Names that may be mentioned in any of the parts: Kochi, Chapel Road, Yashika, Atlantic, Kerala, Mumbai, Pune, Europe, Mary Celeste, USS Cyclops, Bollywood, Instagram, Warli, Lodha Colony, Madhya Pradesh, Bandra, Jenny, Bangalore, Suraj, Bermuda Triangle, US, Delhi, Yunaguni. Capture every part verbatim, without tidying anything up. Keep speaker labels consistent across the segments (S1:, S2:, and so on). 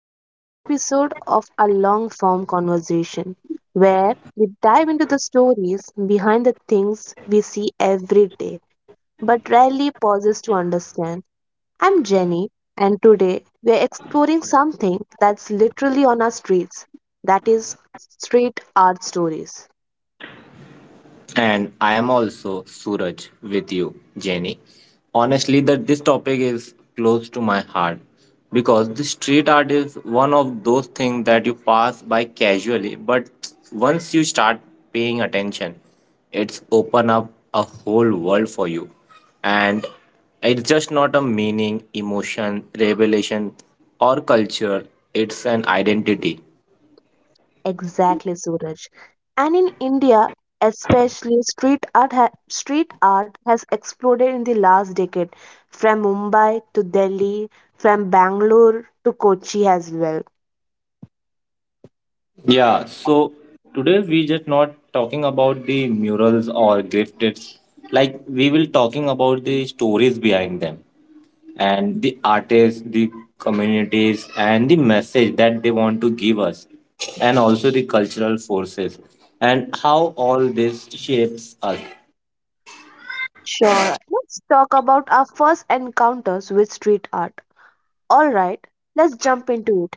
S1: to another episode of a long form conversation where we dive into the stories behind the things we see every day but rarely pauses to understand. I'm Jenny, and today we are exploring something that's literally on our streets that is, street art stories.
S2: And I am also Suraj with you, Jenny. Honestly, that this topic is close to my heart because the street art is one of those things that you pass by casually, but once you start paying attention, it's open up a whole world for you. And it's just not a meaning, emotion, revelation, or culture, it's an identity.
S1: Exactly, Suraj. And in India, especially street art, ha- street art has exploded in the last decade, from Mumbai to Delhi, from Bangalore to Kochi as well.
S2: Yeah, so today we just not talking about the murals or gifts. Like we will talking about the stories behind them and the artists, the communities and the message that they want to give us and also the cultural forces and how all this shapes us.
S1: Sure, let's talk about our first encounters with street art. All right, let's jump into it.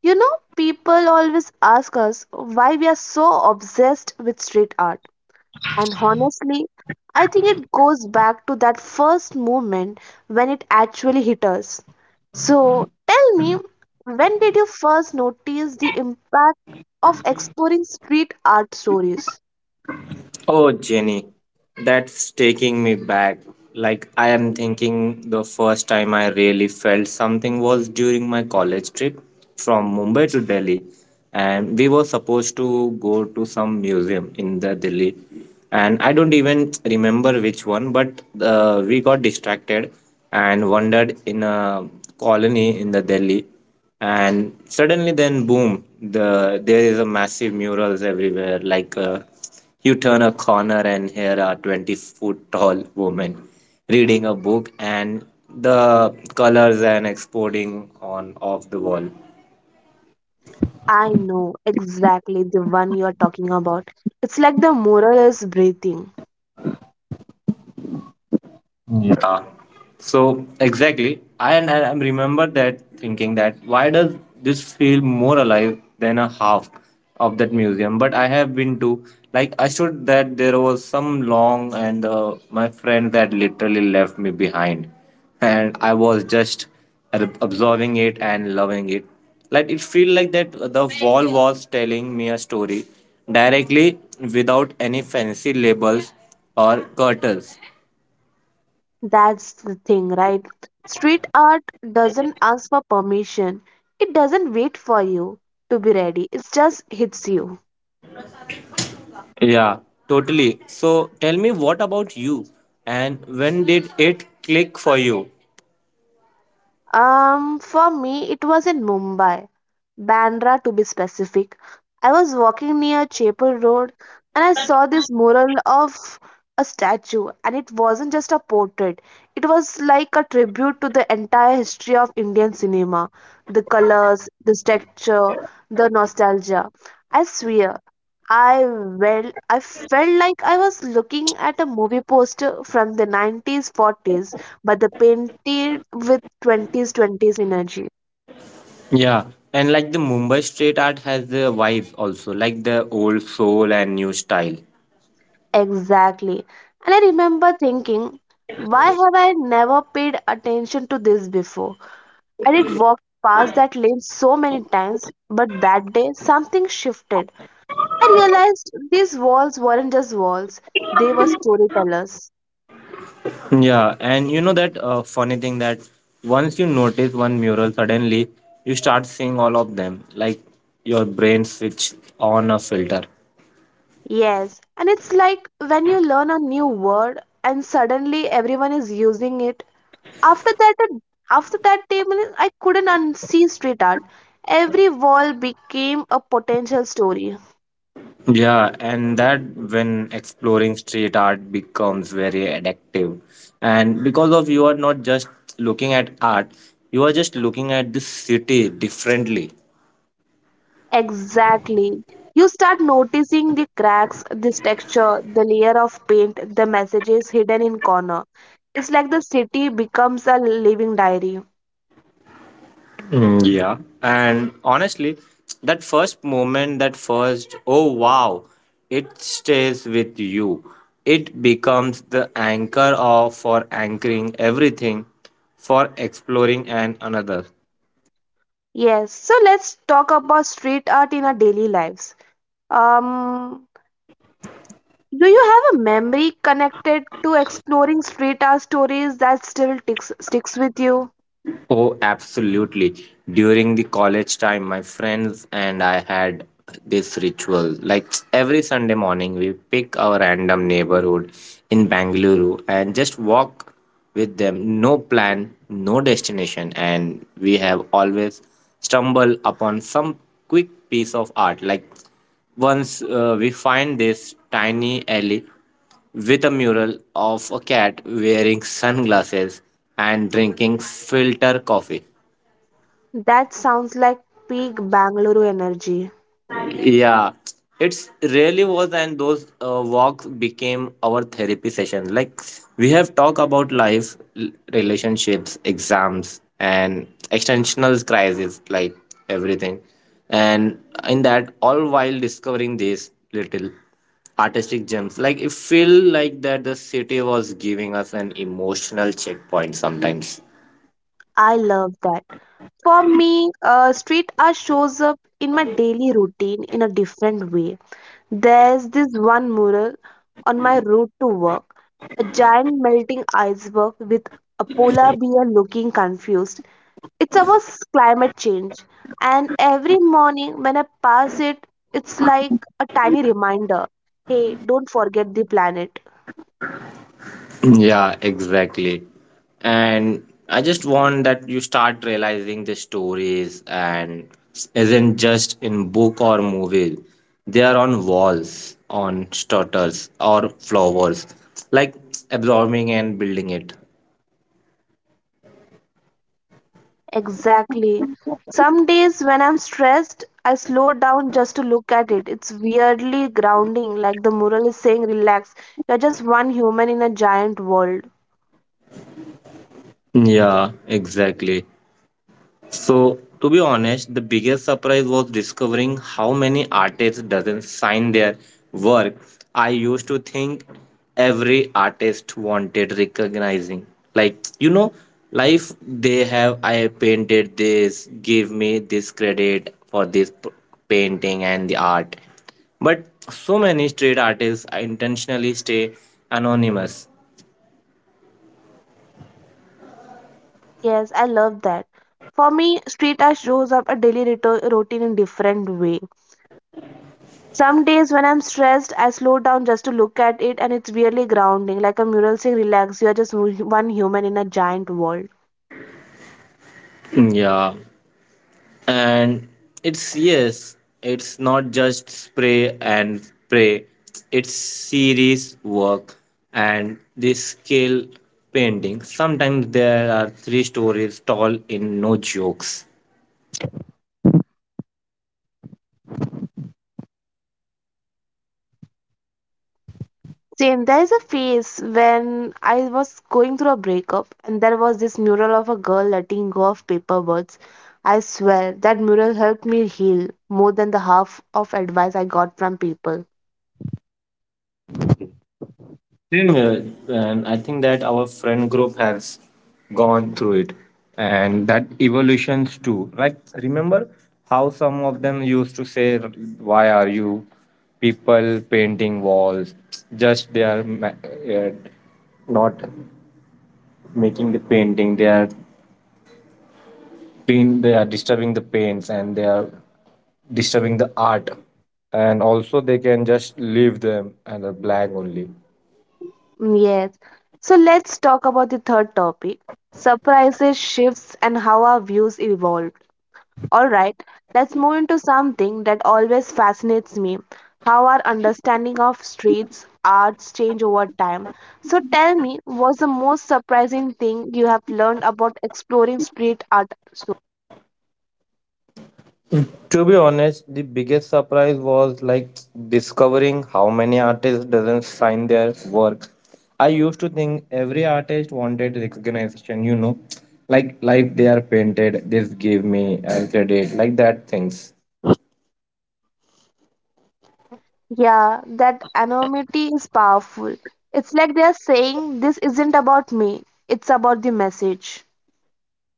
S1: You know, people always ask us why we are so obsessed with street art. And honestly, I think it goes back to that first moment when it actually hit us. So tell me, when did you first notice the impact of exploring street art stories?
S2: Oh, Jenny, that's taking me back. Like, I am thinking the first time I really felt something was during my college trip from Mumbai to Delhi. And we were supposed to go to some museum in the Delhi. And I don't even remember which one, but uh, we got distracted and wandered in a colony in the Delhi. And suddenly, then boom, the there is a massive murals everywhere, like. Uh, you turn a corner, and here are twenty foot tall women reading a book and the colors and exploding on off the wall.
S1: I know exactly the one you're talking about. It's like the mural is breathing.
S2: Yeah. So exactly, I and I am remember that thinking that why does this feel more alive than a half of that museum? But I have been to like I should that there was some long and uh, my friend that literally left me behind, and I was just ab- absorbing it and loving it. Like it feel like that the wall was telling me a story directly without any fancy labels or curtains.
S1: That's the thing, right? Street art doesn't ask for permission, it doesn't wait for you to be ready, it just hits you.
S2: Yeah, totally. So tell me what about you and when did it click for you?
S1: Um, for me, it was in Mumbai, Bandra to be specific. I was walking near Chapel Road and I saw this mural of a statue, and it wasn't just a portrait, it was like a tribute to the entire history of Indian cinema the colors, the texture, the nostalgia. I swear, I well, I felt like I was looking at a movie poster from the nineties, forties, but the painted with twenties, twenties energy.
S2: Yeah, and like the Mumbai street art has the vibe also, like the old soul and new style.
S1: Exactly. And I remember thinking, why have I never paid attention to this before? I did walk past that lane so many times, but that day something shifted. I realized these walls weren't just walls, they were storytellers.
S2: Yeah, and you know that uh, funny thing that once you notice one mural, suddenly you start seeing all of them, like your brain switch on a filter.
S1: Yes, and it's like when you learn a new word and suddenly everyone is using it. After that, uh, after that table, I couldn't unsee street art. Every wall became a potential story.
S2: Yeah, and that when exploring street art becomes very addictive. And because of you are not just looking at art, you are just looking at the city differently.
S1: Exactly. You start noticing the cracks, this texture, the layer of paint, the messages hidden in corner. It's like the city becomes a living diary.
S2: Mm, yeah. And honestly, that first moment, that first, oh wow, it stays with you. It becomes the anchor of for anchoring everything, for exploring and another.
S1: Yes, so let's talk about street art in our daily lives. Um, Do you have a memory connected to exploring street art stories that still ticks, sticks with you?
S2: Oh, absolutely. During the college time, my friends and I had this ritual. Like every Sunday morning, we pick our random neighborhood in Bangalore and just walk with them. No plan, no destination. And we have always stumbled upon some quick piece of art. Like once uh, we find this tiny alley with a mural of a cat wearing sunglasses and drinking filter coffee.
S1: That sounds like peak Bangalore energy.
S2: Yeah, it's really was. And those uh, walks became our therapy session, like we have talked about life, l- relationships, exams, and existential crisis, like everything. And in that, all while discovering these little artistic gems, like it feel like that the city was giving us an emotional checkpoint sometimes.
S1: I love that. For me, uh, street art shows up in my daily routine in a different way. There's this one mural on my route to work, a giant melting iceberg with a polar bear looking confused. It's about climate change, and every morning when I pass it, it's like a tiny reminder hey, don't forget the planet.
S2: Yeah, exactly. And I just want that you start realizing the stories and isn't just in book or movie. They are on walls, on stutters or flowers, like absorbing and building it.
S1: Exactly. Some days when I'm stressed, I slow down just to look at it. It's weirdly grounding, like the mural is saying, relax, you're just one human in a giant world.
S2: Yeah, exactly. So, to be honest, the biggest surprise was discovering how many artists doesn't sign their work. I used to think every artist wanted recognizing. Like, you know, life they have I painted this, give me this credit for this p- painting and the art. But so many street artists intentionally stay anonymous.
S1: Yes, I love that. For me, street art shows up a daily rito- routine in different way. Some days when I'm stressed, I slow down just to look at it, and it's really grounding, like a mural saying, "Relax, you are just mu- one human in a giant world."
S2: Mm, yeah. And it's, yes, it's not just spray and pray. It's serious work, and this scale painting sometimes there are three stories tall in no jokes.
S1: Same. There is a phase when I was going through a breakup, and there was this mural of a girl letting go of paper words. I swear that mural helped me heal more than the half of advice I got from people.
S2: Same here, and I think that our friend group has gone through it, and that evolutions too. Like remember how some of them used to say, "Why are you people painting walls? Just they are ma- uh, not making the painting. They are paint. They are disturbing the paints, and they are disturbing the art." And also, they can just leave them and a blank only.
S1: Mm, yes. So let's talk about the third topic surprises, shifts, and how our views evolved. All right, let's move into something that always fascinates me how our understanding of streets, arts change over time. So tell me, what's the most surprising thing you have learned about exploring street art so
S2: To be honest, the biggest surprise was like discovering how many artists doesn't sign their work. I used to think every artist wanted recognition, you know, like like they are painted, this give me a credit, like that things.
S1: yeah, that anonymity is powerful. It's like they're saying, this isn't about me, it's about the message.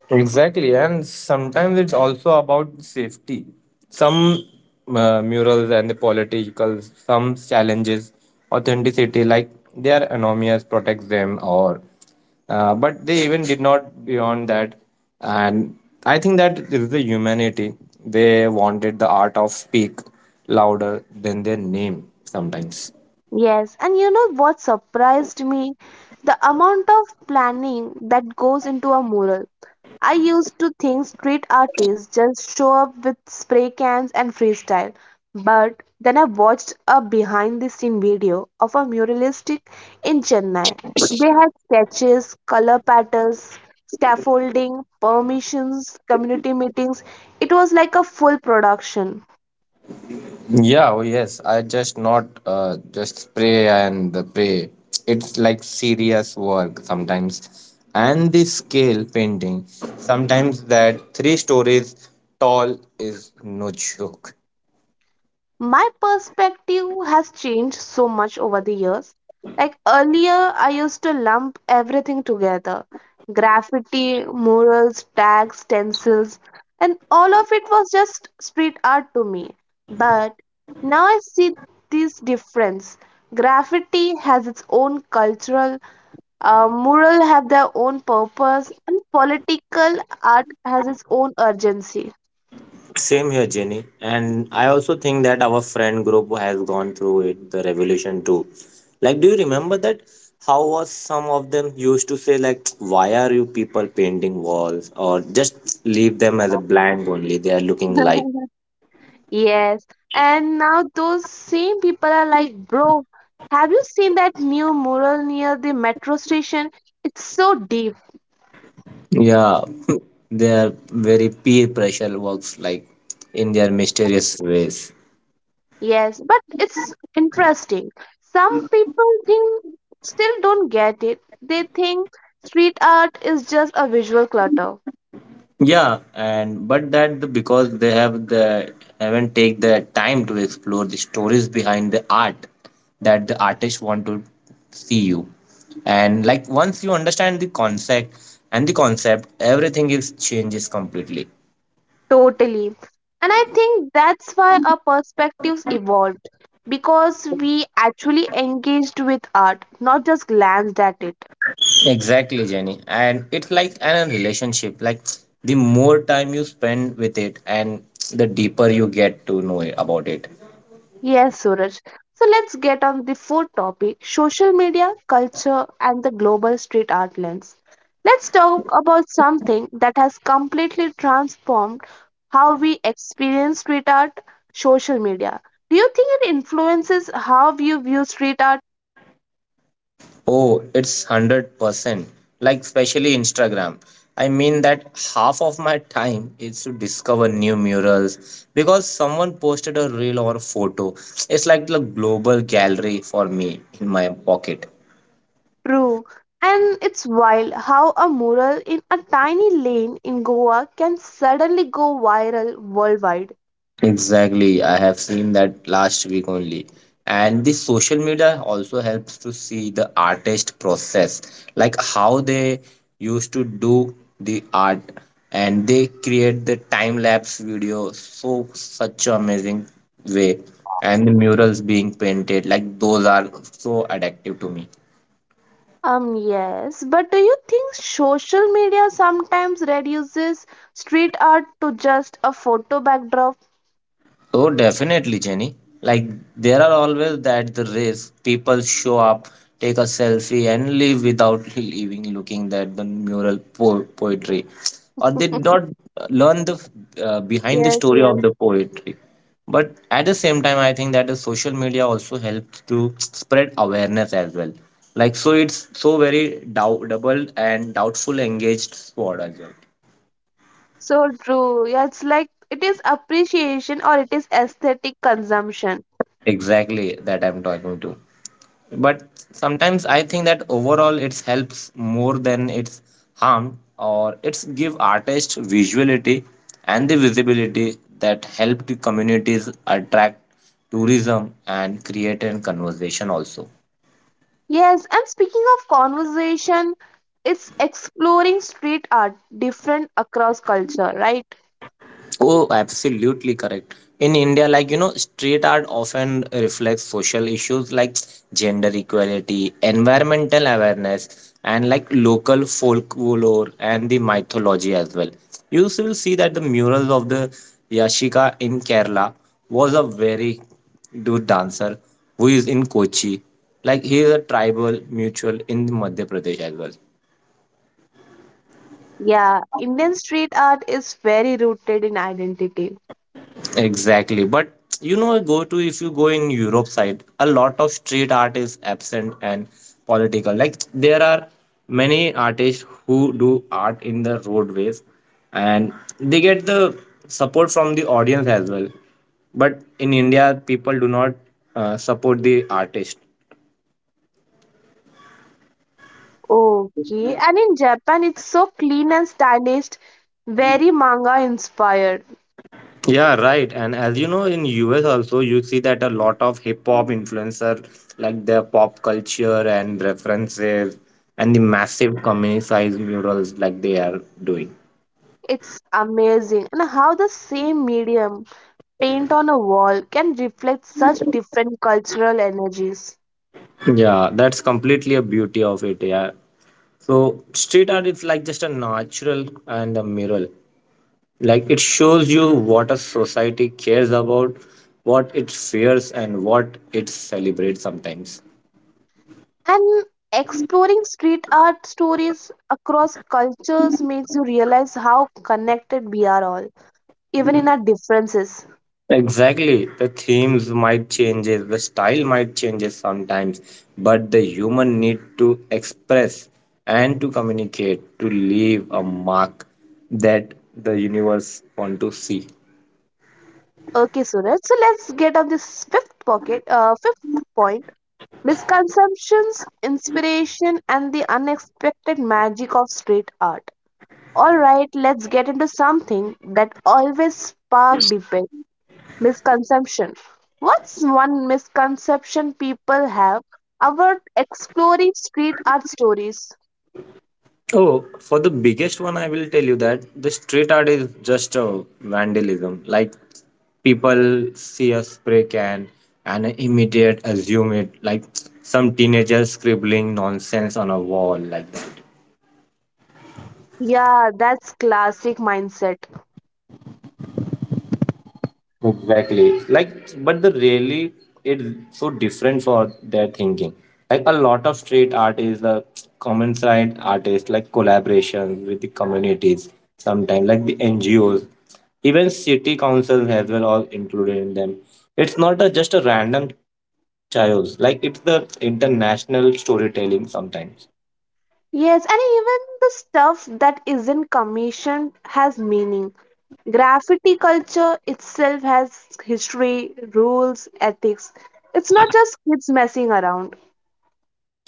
S2: Exactly, and sometimes it's also about safety. Some uh, murals and the political, some challenges authenticity, like their anonymous protects them, or uh, but they even did not beyond that. And I think that is the humanity. They wanted the art of speak louder than their name sometimes.
S1: Yes, and you know what surprised me? The amount of planning that goes into a mural. I used to think street artists just show up with spray cans and freestyle. But then I watched a behind the scene video of a muralistic in Chennai. They had sketches, color patterns, scaffolding, permissions, community meetings. It was like a full production.
S2: Yeah, oh yes. I just not uh, just pray and the pray. It's like serious work sometimes. And the scale painting, sometimes that three stories tall is no joke.
S1: My perspective has changed so much over the years. Like earlier, I used to lump everything together graffiti, murals, tags, stencils, and all of it was just street art to me. But now I see this difference. Graffiti has its own cultural, uh, mural have their own purpose, and political art has its own urgency.
S2: Same here, Jenny. And I also think that our friend group has gone through it, the revolution too. Like, do you remember that? How was some of them used to say like, why are you people painting walls or just leave them as a blank only? They are looking like.
S1: Yes, and now those same people are like, bro, have you seen that new mural near the metro station? It's so deep.
S2: Yeah, their very peer pressure works like in their mysterious ways.
S1: Yes, but it's interesting. Some people think still don't get it. They think street art is just a visual clutter.
S2: Yeah, and but that the, because they have the haven't take the time to explore the stories behind the art that the artists want to see you. And like once you understand the concept and the concept, everything is changes completely.
S1: Totally. And I think that's why our perspectives evolved because we actually engaged with art, not just glanced at it.
S2: Exactly, Jenny. And it's like an relationship. Like the more time you spend with it and the deeper you get to know it- about it.
S1: Yes, Suraj. So let's get on the fourth topic social media, culture, and the global street art lens. Let's talk about something that has completely transformed how we experience street art social media. Do you think it influences how you view street art?
S2: Oh, it's one hundred percent. Like especially Instagram. I mean that half of my time is to discover new murals because someone posted a reel or a photo. It's like the global gallery for me in my pocket.
S1: True. And it's wild how a mural in a tiny lane in Goa can suddenly go viral worldwide.
S2: Exactly. I have seen that last week only. And the social media also helps to see the artist process, like how they used to do the art, and they create the time lapse video, so such a amazing way, and the murals being painted, like those are so addictive to me.
S1: Um, yes, but do you think social media sometimes reduces street art to just a photo backdrop?
S2: Oh, definitely, Jenny. Like, there are always that the race. People show up, take a selfie, and leave without leaving looking at the mural po- poetry. Or they not uh, learn the uh, behind the
S1: Yes,
S2: story
S1: yes.
S2: of the poetry. But at the same time, I think that the social media also helps to spread awareness as well. Like, so it's so very dou double and doubtful engaged squad as well.
S1: So true. Yeah, it's like it is appreciation or it is aesthetic consumption.
S2: Exactly that I'm talking to. But sometimes I think that overall it helps more than it's harm, or it's give artists visuality and the visibility that help the communities attract tourism and create a conversation also.
S1: Yes, and speaking of conversation, it's exploring street art different across culture, right?
S2: Oh, absolutely correct. In India, like, you know, street art often reflects social issues like gender equality, environmental awareness, and like local folklore and the mythology as well. You s- will see that the murals of the Yashika in Kerala was a very good dancer who is in Kochi. Like, he is a tribal mutual in Madhya Pradesh as well.
S1: Yeah, Indian street art is very rooted in identity.
S2: Exactly. But you know, go to if you go in Europe side, a lot of street art is absent and political. Like there are many artists who do art in the roadways and they get the support from the audience as well. But in India, people do not uh, support the artist.
S1: Okay, and in Japan, it's so clean and stylish, very manga inspired.
S2: Yeah, right. And as you know, in U S also, you see that a lot of hip hop influencer, like their pop culture and references, and the massive community size murals like they are doing.
S1: It's amazing, and how the same medium, paint on a wall, can reflect such different cultural energies.
S2: Yeah, that's completely a beauty of it. Yeah. So street art is like just a natural and a mural. Like it shows you what a society cares about, what it fears, and what it celebrates sometimes.
S1: And exploring street art stories across cultures makes you realize how connected we are all, even in our differences.
S2: Exactly. The themes might change, the style might change sometimes, but the human need to express and to communicate to leave a mark that the universe want to see.
S1: Okay, Suraj, so let's get on this fifth pocket, uh, fifth point. Misconceptions, inspiration, and the unexpected magic of street art. Alright, let's get into something that always spark debate misconception. What's one misconception people have about exploring street art stories?
S2: Oh, for the biggest one, I will tell you that the street art is just a vandalism. Like people see a spray can and immediate assume it. Like some teenager scribbling nonsense on a wall like that.
S1: Yeah, that's classic mindset.
S2: Exactly. Like, but the really it's so different for their thinking. Like a lot of street art is a common side artist, like collaboration with the communities sometimes, like the N G Os, even city councils as well are included in them. It's not a, just a random chaos. Like it's the international storytelling sometimes.
S1: Yes, and even the stuff that isn't commissioned has meaning. Graffiti culture itself has history, rules, ethics. It's not just kids messing around.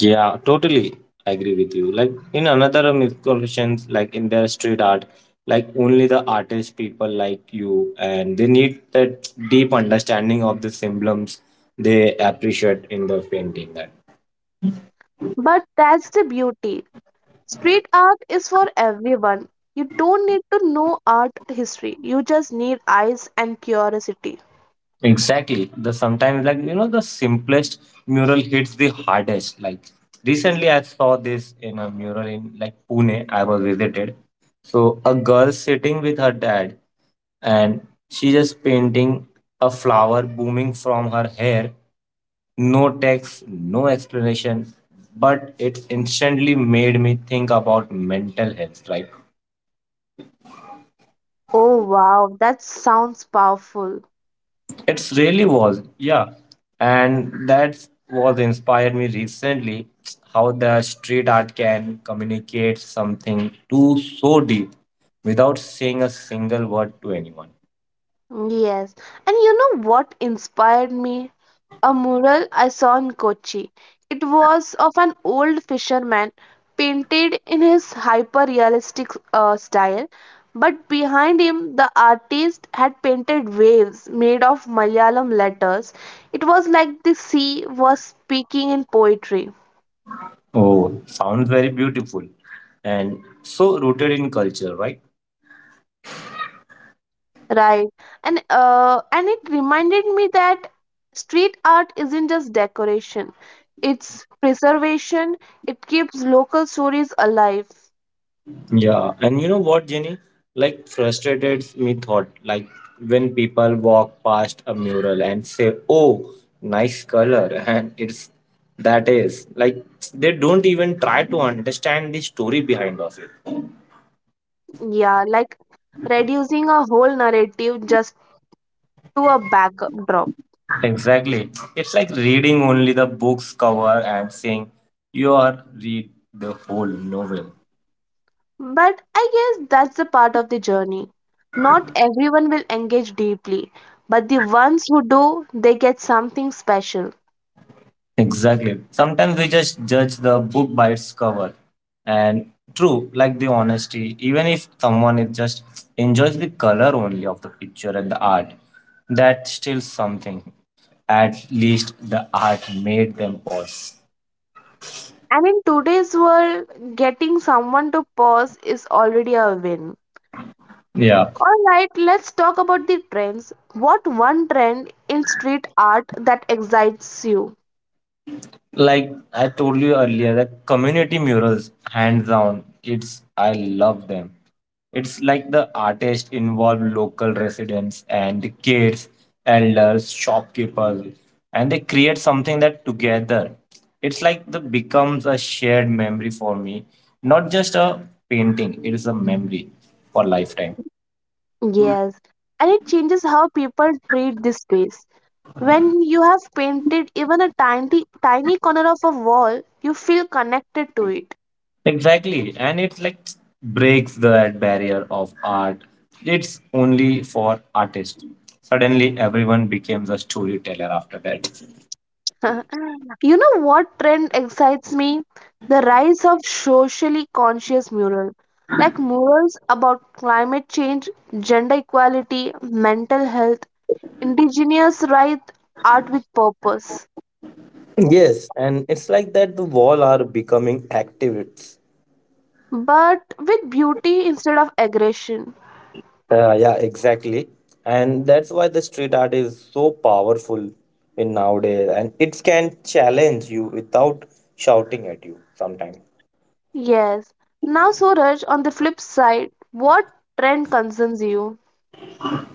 S2: Yeah, totally agree with you. Like in another misconceptions, like in their street art, like only the artist people like you, and they need that deep understanding of the symbols they appreciate in the painting. That
S1: But that's the beauty. Street art is for everyone. You don't need to know art history, you just need eyes and curiosity.
S2: exactly the sometimes, like you know the simplest mural hits the hardest. Like recently, I saw this in a mural in like Pune. I was visited. So a girl sitting with her dad and she just painting a flower booming from her hair. No text, no explanation, but it instantly made me think about mental health, right?
S1: Oh wow, that sounds powerful.
S2: It really was, yeah. And that's what inspired me recently how the street art can communicate something too so deep without saying a single word to anyone.
S1: Yes, and you know what inspired me? A mural I saw in Kochi. It was of an old fisherman painted in his hyper realistic uh, style, but behind him, the artist had painted waves made of Malayalam letters. It was like the sea was speaking in poetry.
S2: Oh, sounds very beautiful and so rooted in culture, right?
S1: Right. And uh, and it reminded me that street art isn't just decoration. It's preservation. It keeps local stories alive.
S2: Yeah, and you know what, Jenny? Like frustrated me thought, like when people walk past a mural and say, "Oh, nice color," and it's that is like they don't even try to understand the story behind of it.
S1: Yeah, like reducing a whole narrative just to a backdrop.
S2: Exactly, it's like reading only the book's cover and saying, "You are read the whole novel."
S1: But I guess that's a part of the journey. Not everyone will engage deeply, but the ones who do, they get something special.
S2: Exactly. Sometimes we just judge the book by its cover. And true, like the honesty, even if someone is just enjoys the color only of the picture and the art, that's still something. At least the art made them pause.
S1: And in today's world, getting someone to pause is already a win.
S2: Yeah.
S1: All right, let's talk about the trends. What one trend in street art that excites you?
S2: Like I told you earlier, the community murals, hands down, it's I love them. It's like the artists involve local residents and the kids, elders, shopkeepers, and they create something that together. It's like the becomes a shared memory for me, not just a painting. It is a memory for lifetime.
S1: Yes, and it changes how people treat this space. When you have painted even a tiny tiny corner of a wall, you feel connected to it.
S2: Exactly, and it like breaks that barrier of art. It's only for artists. Suddenly, everyone becomes a storyteller after that.
S1: You know what trend excites me? The rise of socially conscious mural, like murals about climate change, gender equality, mental health, Indigenous write art with purpose,
S2: Yes, and it's like that the wall are becoming activists.
S1: but with beauty instead of aggression.
S2: Uh, yeah, exactly. And that's why the street art is so powerful in nowadays, and it can challenge you without shouting at you sometimes.
S1: Yes. Now, Suraj, on the flip side, what trend concerns you?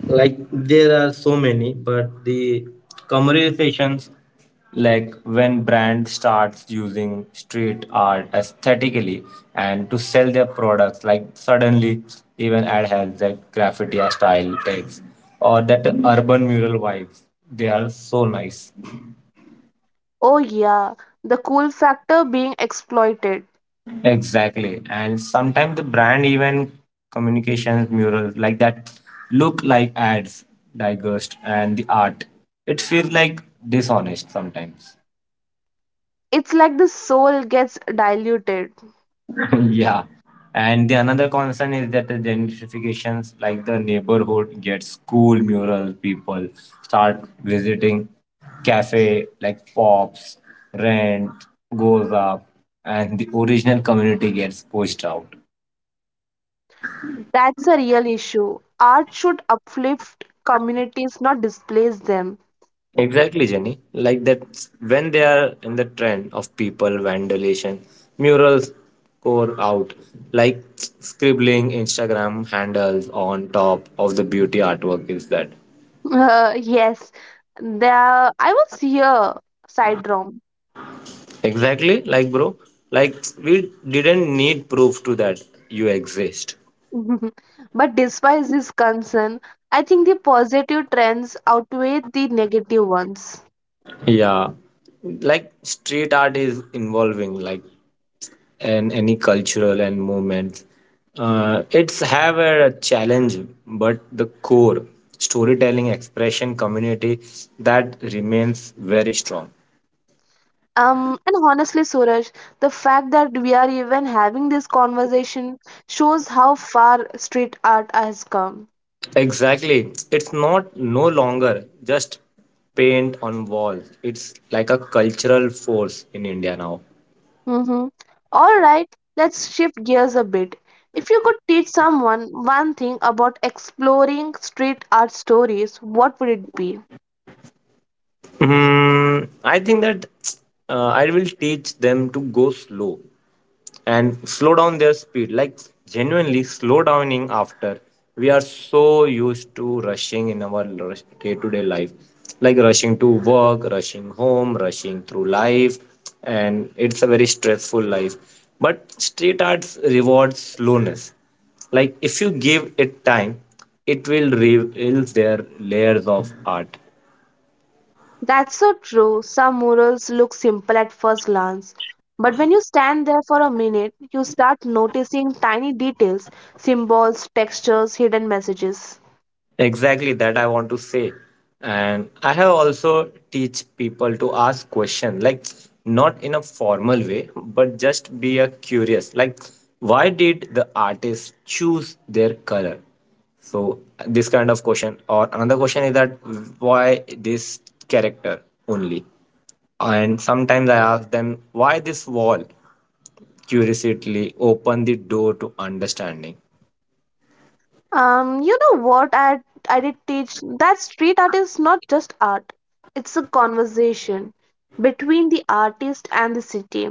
S2: Like there are so many but the commercializations, like when brand starts using street art aesthetically and to sell their products, like suddenly even ad has that graffiti style text or that urban mural vibes, they are so nice.
S1: Oh, yeah, the cool factor being exploited.
S2: Exactly, and sometimes the brand even communications murals like that look like ads digest and the art, it feels like dishonest sometimes.
S1: It's like the soul gets diluted.
S2: Yeah. And the another concern is that the gentrifications, like the neighborhood gets school murals, people start visiting cafe like pops, rent goes up, and the original community gets pushed out.
S1: That's a real issue. Art should uplift communities, not displace them.
S2: Exactly, Jenny. Like that, when they are in the trend of people vandalization, murals pour out, like scribbling Instagram handles on top of the beauty artwork is that.
S1: Uh, yes, there. I was here, Sidrom.
S2: Exactly, like bro, like we didn't need proof to that you exist.
S1: Mhm. But despite this concern, I think the positive trends outweigh the negative ones.
S2: Yeah, like street art is involving like and any cultural and movements. Uh, it's have a challenge, but the core storytelling, expression, community, that remains very strong.
S1: Um, and honestly, Suraj, the fact that we are even having this conversation shows how far street art has come.
S2: Exactly, it's not no longer just paint on walls. It's like a cultural force in India now.
S1: Mm-hmm. All right, let's shift gears a bit. If you could teach someone one thing about exploring street art stories, what would it be?
S2: Hmm, I think that uh, I will teach them to go slow and slow down their speed. Like genuinely slow downing after we are so used to rushing in our day to day life, like rushing to work, rushing home, rushing through life, and it's a very stressful life. But street arts rewards slowness. Like if you give it time, it will reveal their layers of art.
S1: That's so true. Some murals look simple at first glance, but when you stand there for a minute, you start noticing tiny details, symbols, textures, hidden messages.
S2: Exactly that I want to say. And I have also teach people to ask question like not in a formal way, but just be a curious. Like why did the artist choose their color? So this kind of question or another question is that why this character only? And sometimes I ask them why this wall curiously open the door to understanding.
S1: Um, you know what I I did teach that street art is not just art. It's a conversation between the artist and the city,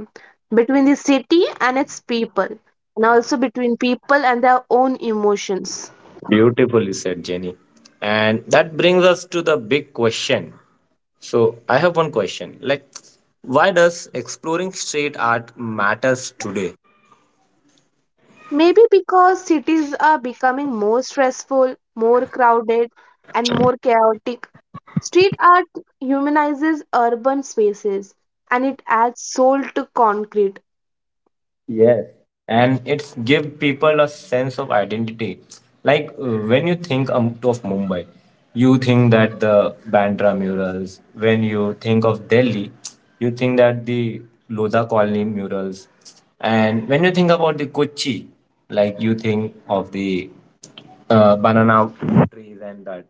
S1: between the city and its people, and also between people and their own emotions.
S2: Beautifully said, Jenny. And that brings us to the big question. So I have one question. Like, why does exploring street art matters today?
S1: Maybe because cities are becoming more stressful, more crowded, and more chaotic. Street art humanizes urban spaces and it adds soul to concrete.
S2: Yes, and it's give people a sense of identity. Like uh, when you think um, of Mumbai, you think that the Bandra murals. When you think of Delhi, you think that the Lodha Colony murals. And when you think about the Kochi, like you think of the uh, banana trees and that.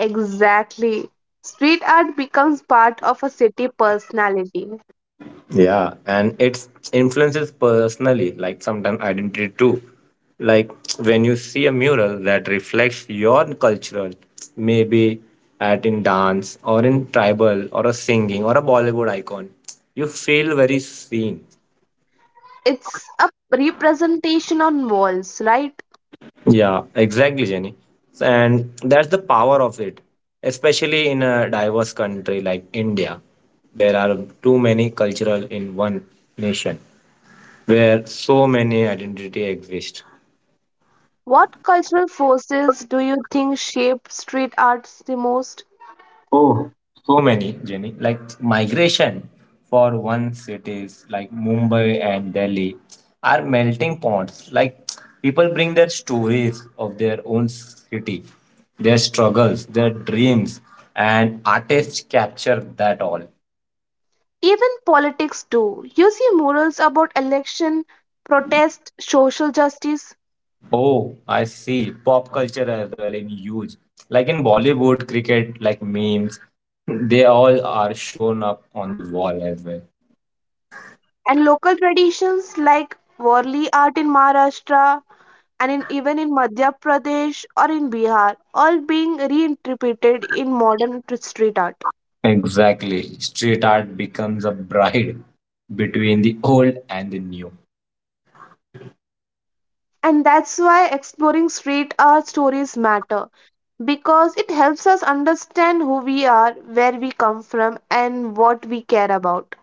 S1: Exactly. Street art becomes part of a city personality.
S2: Yeah, and it's influences personally, like sometimes identity too. Like when you see a mural that reflects your cultural, maybe at in dance or in tribal or a singing or a Bollywood icon, you feel very seen.
S1: It's a representation on walls, right?
S2: Yeah, exactly, Jenny. And that's the power of it, especially in a diverse country like India. There are too many cultural in one nation where so many identity exist.
S1: What cultural forces do you think shape street arts the most?
S2: Oh, so many, Jenny. Like migration, for one cities like Mumbai and Delhi are melting pots. Like people bring their stories of their own city, their struggles, their dreams, and artists capture that all.
S1: Even politics do. You see murals about election, protest, social justice,
S2: Oh, I see. Pop culture as well in huge. Like in Bollywood, cricket, like memes, they all are shown up on the wall as well.
S1: and local traditions like Warli art in Maharashtra and in, even in Madhya Pradesh or in Bihar, all being reinterpreted in modern t- street art.
S2: Exactly. Street art becomes a bride between the old and the new.
S1: And that's why exploring street art stories matter because it helps us understand who we are, where we come from, and what we care about.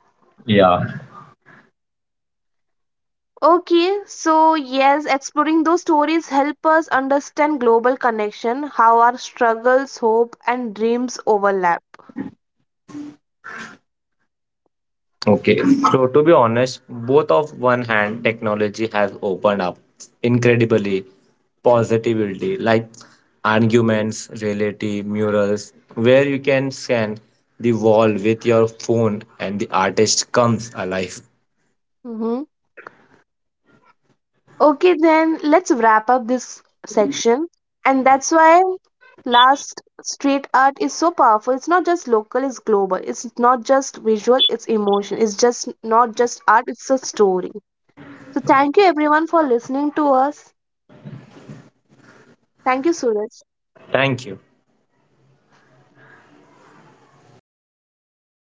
S2: Yeah.
S1: Okay, so yes, exploring those stories help us understand global connection, how our struggles, hope, and dreams overlap.
S2: Okay. So to be honest, both of one hand, technology has opened up incredibly positivity, like arguments, reality, murals, where you can scan the wall with your phone and the artist comes alive.
S1: Mm-hmm. Okay, then let's wrap up this section. And that's why last street art is so powerful. It's not just local, it's global. It's not just visual, it's emotion. It's just not just art, it's a story. So thank you everyone for listening to us. Thank you, Suraj.
S2: Thank you.